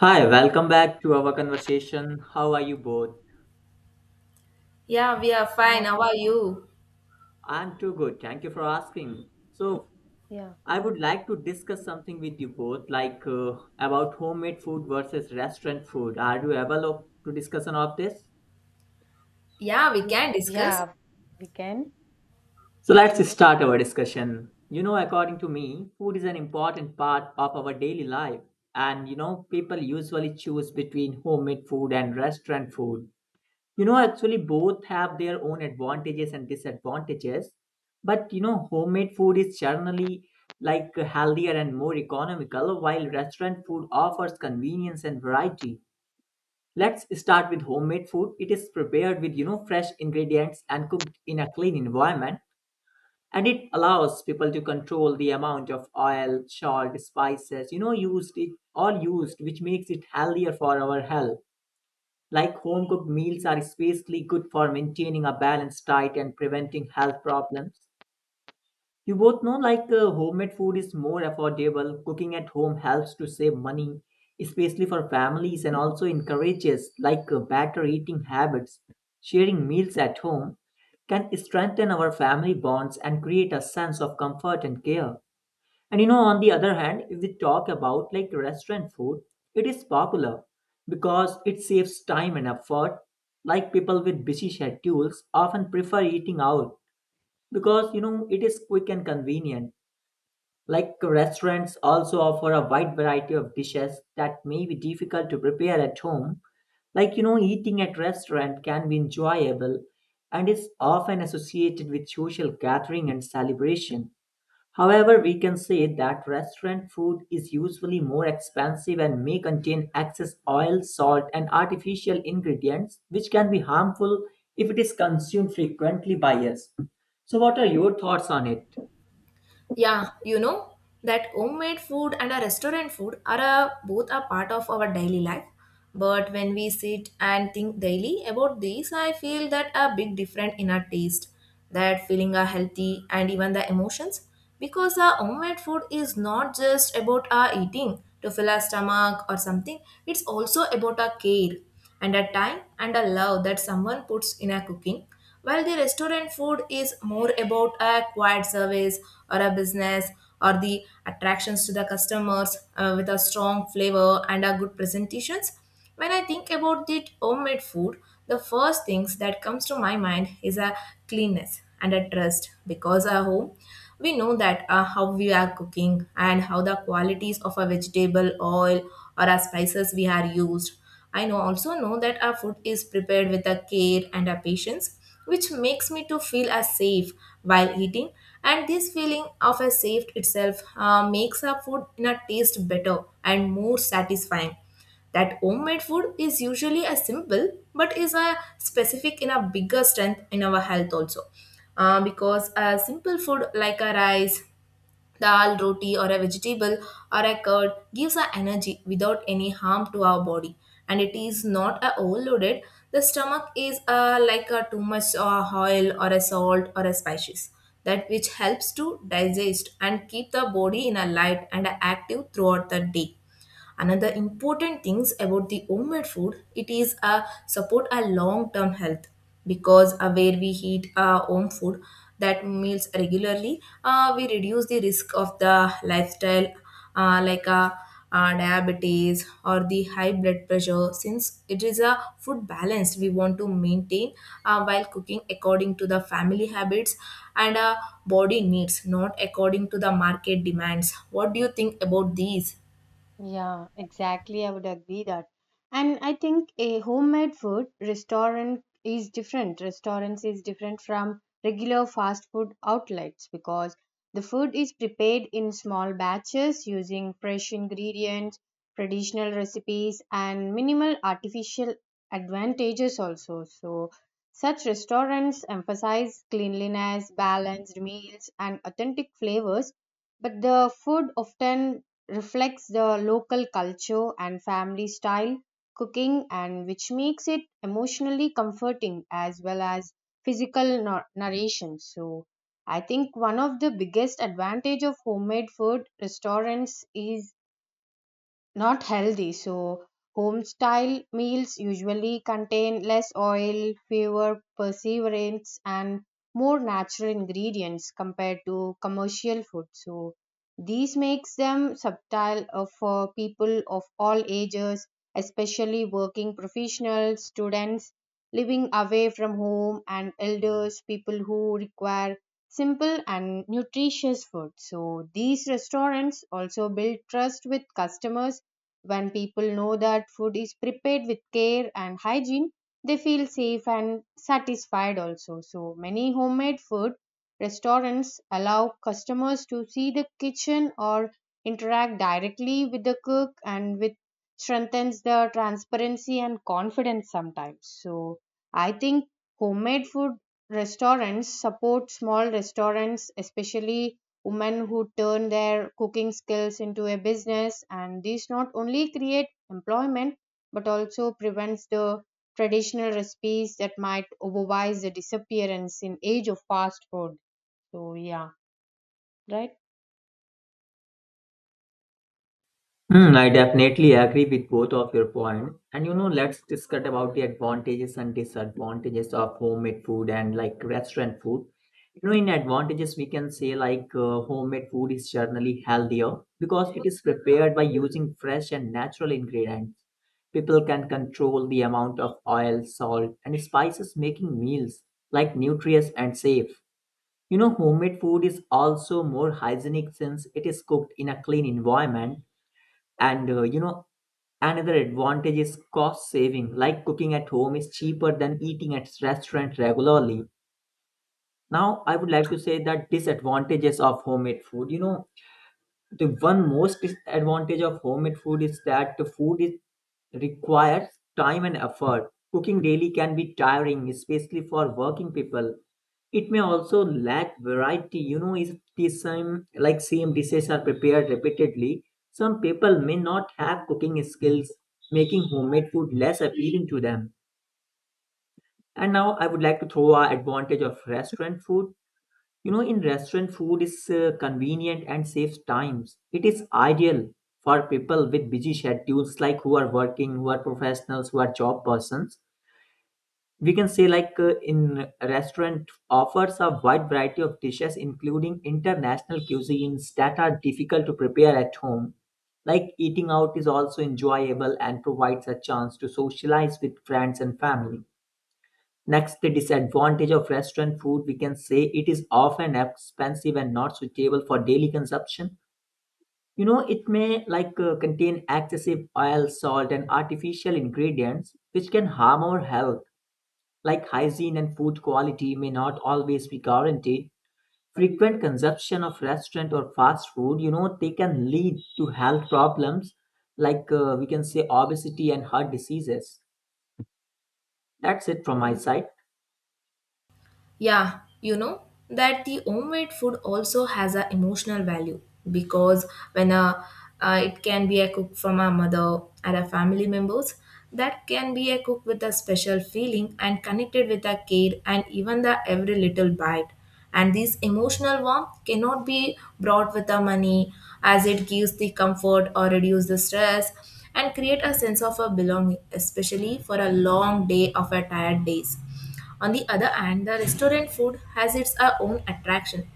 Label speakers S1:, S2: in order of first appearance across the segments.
S1: Hi, welcome back to our conversation. How are you both?
S2: Yeah, we are
S3: I
S2: fine.
S3: have,
S2: How are you?
S1: I'm too good. Thank you for asking. So,
S3: yeah,
S1: I would like to discuss something with you both, about homemade food versus restaurant food. Are you available to discussion of this?
S2: Yeah, we can discuss.
S3: yeah, we can
S1: So, let's
S3: discuss.
S1: start our discussion. You know, according to me, food is an important part of our daily life, and you know, people usually choose between homemade food and restaurant food. You know, actually, both have their own advantages and disadvantages. But you know, homemade food is generally like healthier and more economical, while restaurant food offers convenience and variety. Let's start with homemade food. It is prepared with you know fresh ingredients and cooked in a clean environment, and it allows people to control the amount of oil, salt, spices you know used it all used, which makes it healthier for our health. Like home cooked meals are especially good for maintaining a balanced diet and preventing health problems. You both know homemade food is more affordable. Cooking at home helps to save money, especially for families and also encourages better eating habits. Sharing meals at home can strengthen our family bonds and create a sense of comfort and care. And you know, on the other hand, if we talk about like restaurant food, it is popular because it saves time and effort. Like people with busy schedules often prefer eating out because you know it is quick and convenient. Like restaurants also offer a wide variety of dishes that may be difficult to prepare at home. Like you know, eating at restaurant can be enjoyable and is often associated with social gathering and celebration. However, we can say that restaurant food is usually more expensive and may contain excess oil, salt, and artificial ingredients, which can be harmful if it is consumed frequently by us. So, what are your thoughts on it?
S2: Yeah, you know that homemade food and a restaurant food are a, both a part of our daily life. But when we sit and think daily about this, I feel that a big difference in our taste, that feeling are healthy and even the emotions. Because our homemade food is not just about our eating to fill our stomach or something. It's also about our care and a time and a love that someone puts in our cooking. While the restaurant food is more about a quiet service or a business or the attractions to the customers with a strong flavor and a good presentations, when I think about the homemade food, the first things that comes to my mind is a cleanness and a trust because at home we know that how we are cooking and how the qualities of a vegetable oil or our spices we are used. I know also know that our food is prepared with a care and a patience which makes me to feel as safe while eating, and this feeling of a safe itself makes our food in a taste better and more satisfying. That homemade food is usually a simple but is a specific in a bigger strength in our health also. Because a simple food like a rice, Dal, roti, or a vegetable or a curd gives us energy without any harm to our body, and it is not a overloaded. The stomach is like a too much oil or a salt or a spices that which helps to digest and keep the body in a light and active throughout the day. Another important things about the homemade food, it is a support our long-term health because where we eat our home food, that meals regularly, we reduce the risk of the lifestyle, uh, like uh, diabetes or the high blood pressure since it is a food balance we want to maintain while cooking according to the family habits and body needs, not according to the market demands. What do you think about these?
S3: Yeah, exactly. I would agree that. And I think a homemade food restaurant is different. Restaurants is different from regular fast food outlets because the food is prepared in small batches using fresh ingredients, traditional recipes, and minimal artificial advantages also. So such restaurants emphasize cleanliness, balanced meals, and authentic flavors, but the food often reflects the local culture and family style cooking, and which makes it emotionally comforting as well as physical narration. So I think one of the biggest advantage of homemade food restaurants is not healthy. So home style meals usually contain less oil, fewer perseverance, and more natural ingredients compared to commercial food. So these makes them subtle, for people of all ages, especially working professionals, students living away from home, and elders people who require simple and nutritious food. So these restaurants also build trust with customers. When people know that food is prepared with care and hygiene, they feel safe and satisfied also. So, many homemade food restaurants allow customers to see the kitchen or interact directly with the cook, and with strengthens the transparency and confidence sometimes. So, I think homemade food restaurants support small restaurants, especially women who turn their cooking skills into a business, and these not only create employment but also prevents the traditional recipes that might otherwise disappearance in age of fast food. So yeah, right.
S1: Hmm, I definitely agree with both of your point. And you know, let's discuss about the advantages and disadvantages of homemade food and like restaurant food. You know, in advantages, we can say homemade food is generally healthier because it is prepared by using fresh and natural ingredients. People can control the amount of oil, salt, and spices, making meals like nutritious and safe. You know, homemade food is also more hygienic since it is cooked in a clean environment and you know, another advantage is cost saving. Like cooking at home is cheaper than eating at restaurant regularly. Now, I would like to say that disadvantages of homemade food. You know, the one most disadvantage of homemade food is that the food is requires time and effort. Cooking daily can be tiring, especially for working people. It may also lack variety. You know, if the same dishes are prepared repeatedly, some people may not have cooking skills, making homemade food less appealing to them. And now I would like to throw our advantage of restaurant food. You know, in restaurant food is convenient and saves times. It is ideal for people with busy schedules, like who are working, who are professionals, who are job persons. We can say in restaurant offers a wide variety of dishes, including international cuisines that are difficult to prepare at home. Like eating out is also enjoyable and provides a chance to socialize with friends and family. Next, the disadvantage of restaurant food, we can say it is often expensive and not suitable for daily consumption. You know, it may contain excessive oil, salt, and artificial ingredients, which can harm our health. Like hygiene and food quality may not always be guaranteed. Frequent consumption of restaurant or fast food, you know, they can lead to health problems we can say obesity and heart diseases. That's it from my side.
S2: Yeah, you know that the homemade food also has an emotional value because when a, it can be a cook from a mother and a family members, that can be a cook with a special feeling and connected with a care and even the every little bite. And this emotional warmth cannot be brought with the money, as it gives the comfort or reduce the stress and create a sense of a belonging, especially for a long day of a tired days. On the other hand, the restaurant food has its own attraction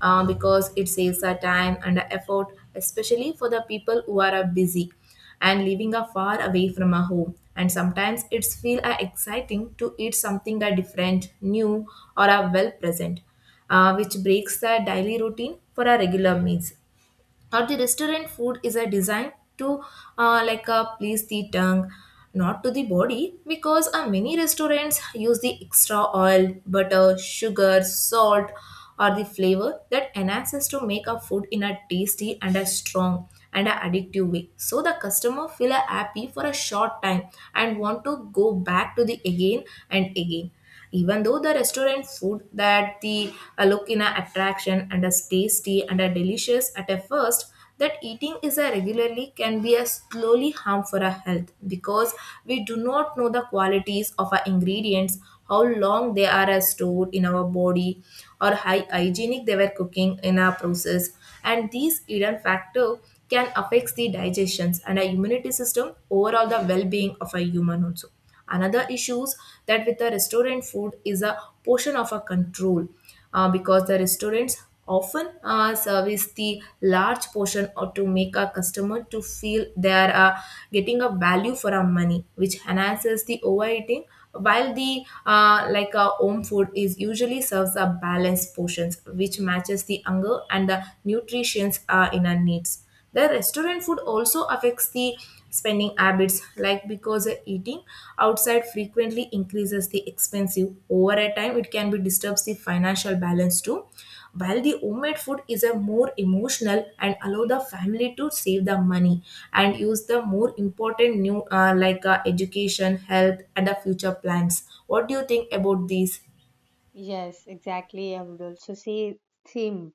S2: because it saves our time and our effort, especially for the people who are busy and living far away from our home. And sometimes it's feel exciting to eat something different, new, or well present, which breaks the daily routine for our regular meals, or the restaurant food is a designed to please the tongue, not to the body, because many restaurants use the extra oil, butter, sugar, salt or the flavor that enhances to make a food in a tasty and a strong and a addictive way, so the customer feel a happy for a short time and want to go back to the again and again. Even though the restaurant food that the look in a attraction and as tasty and a delicious at a first, that eating is a regularly can be a slowly harm for our health because we do not know the qualities of our ingredients, how long they are stored in our body or how hygienic they were cooking in our process, and these hidden factor can affect the digestions and our immunity system, overall the well-being of a human also. Another issues that with the restaurant food is a portion of a control, because the restaurants often service the large portion or to make a customer to feel they are getting a value for our money, which enhances the overeating, while the like our home food is usually serves a balanced portions which matches the hunger and the nutrients in our needs. The restaurant food also affects the spending habits, like because eating outside frequently increases the expensive. Over a time, it can be disturbs the financial balance too. While the homemade food is a more emotional and allow the family to save the money and use the more important new, education, health, and the future plans. What do you think about these?
S3: Yes, exactly, I would also say same.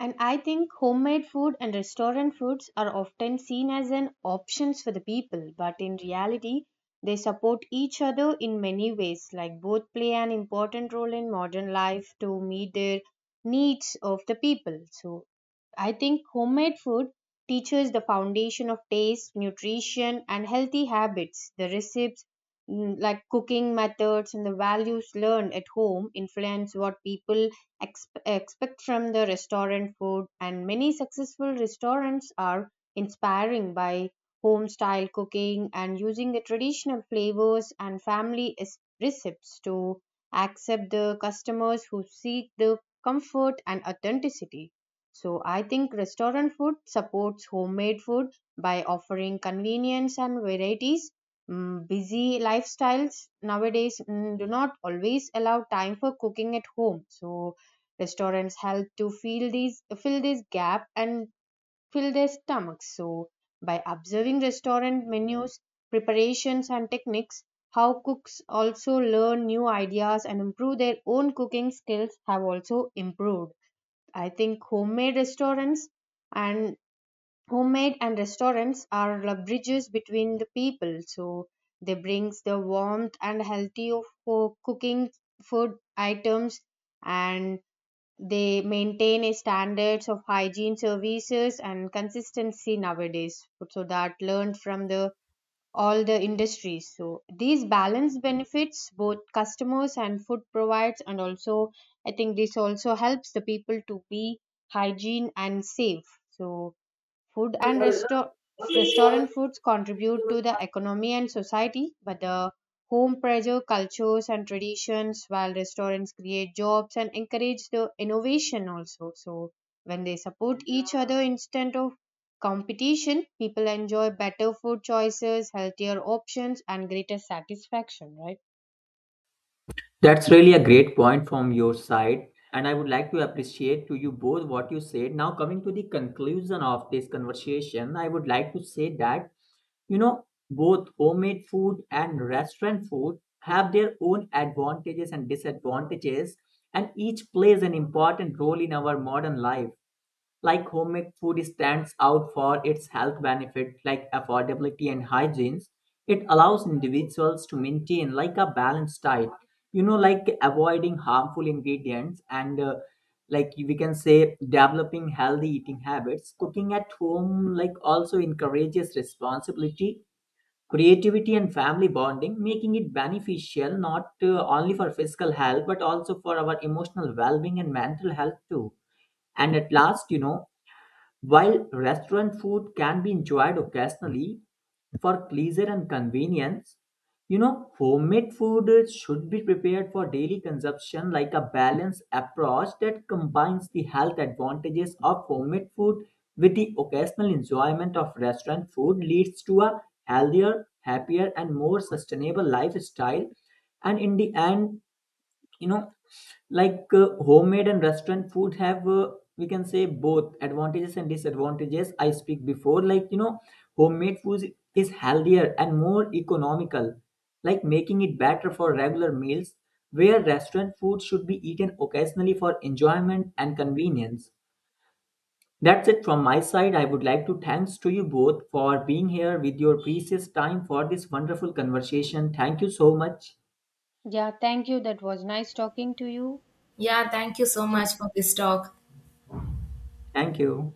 S3: And I think homemade food and restaurant foods are often seen as an options for the people, but in reality, they support each other in many ways. Like both play an important role in modern life to meet their needs of the people. So I think homemade food teaches the foundation of taste, nutrition, and healthy habits. The recipes, like cooking methods, and the values learned at home influence what people expect from the restaurant food, and many successful restaurants are inspiring by home style cooking and using the traditional flavors and recipes to accept the customers who seek the comfort and authenticity. So I think restaurant food supports homemade food by offering convenience and varieties. Busy lifestyles nowadays do not always allow time for cooking at home, so restaurants help to fill this gap and fill their stomachs. So by observing restaurant menus, preparations, and techniques, how cooks also learn new ideas and improve their own cooking skills have also improved. I think homemade restaurants and homemade and restaurants are the bridges between the people. So they brings the warmth and healthy of for cooking food items, and they maintain a standards of hygiene services and consistency nowadays, so that learned from the all the industries. So these balance benefits both customers and food provides, and also I think this also helps the people to be hygiene and safe. So Food and resto- restaurant foods contribute to the economy and society, but the home pressure, cultures, and traditions, while restaurants create jobs and encourage the innovation also. So, when they support each other instead of competition, people enjoy better food choices, healthier options, and greater satisfaction, right?
S1: That's really a great point from your side, and I would like to appreciate to you both what you said. Now, coming to the conclusion of this conversation, I would like to say that you know both homemade food and restaurant food have their own advantages and disadvantages, and each plays an important role in our modern life. Like homemade food stands out for its health benefit like affordability and hygiene. It allows individuals to maintain like a balanced diet, you know, like avoiding harmful ingredients and like we can say developing healthy eating habits. Cooking at home like also encourages responsibility, creativity and family bonding, making it beneficial not only for physical health but also for our emotional well-being and mental health too. And at last, you know, while restaurant food can be enjoyed occasionally for pleasure and convenience, you know, homemade food should be prepared for daily consumption like a balanced approach that combines the health advantages of homemade food with the occasional enjoyment of restaurant food leads to a healthier, happier, and more sustainable lifestyle. And in the end, you know homemade and restaurant food have we can say both advantages and disadvantages I speak before like you know homemade food is healthier and more economical like making it better for regular meals where restaurant food should be eaten occasionally for enjoyment and convenience. That's it from my side. I would like to thanks to you both for being here with your precious time for this wonderful conversation. Thank you so much.
S3: Yeah, thank you. That was nice talking to you.
S2: Yeah, thank you so
S3: Thank you.
S2: much for this talk.
S1: Thank you.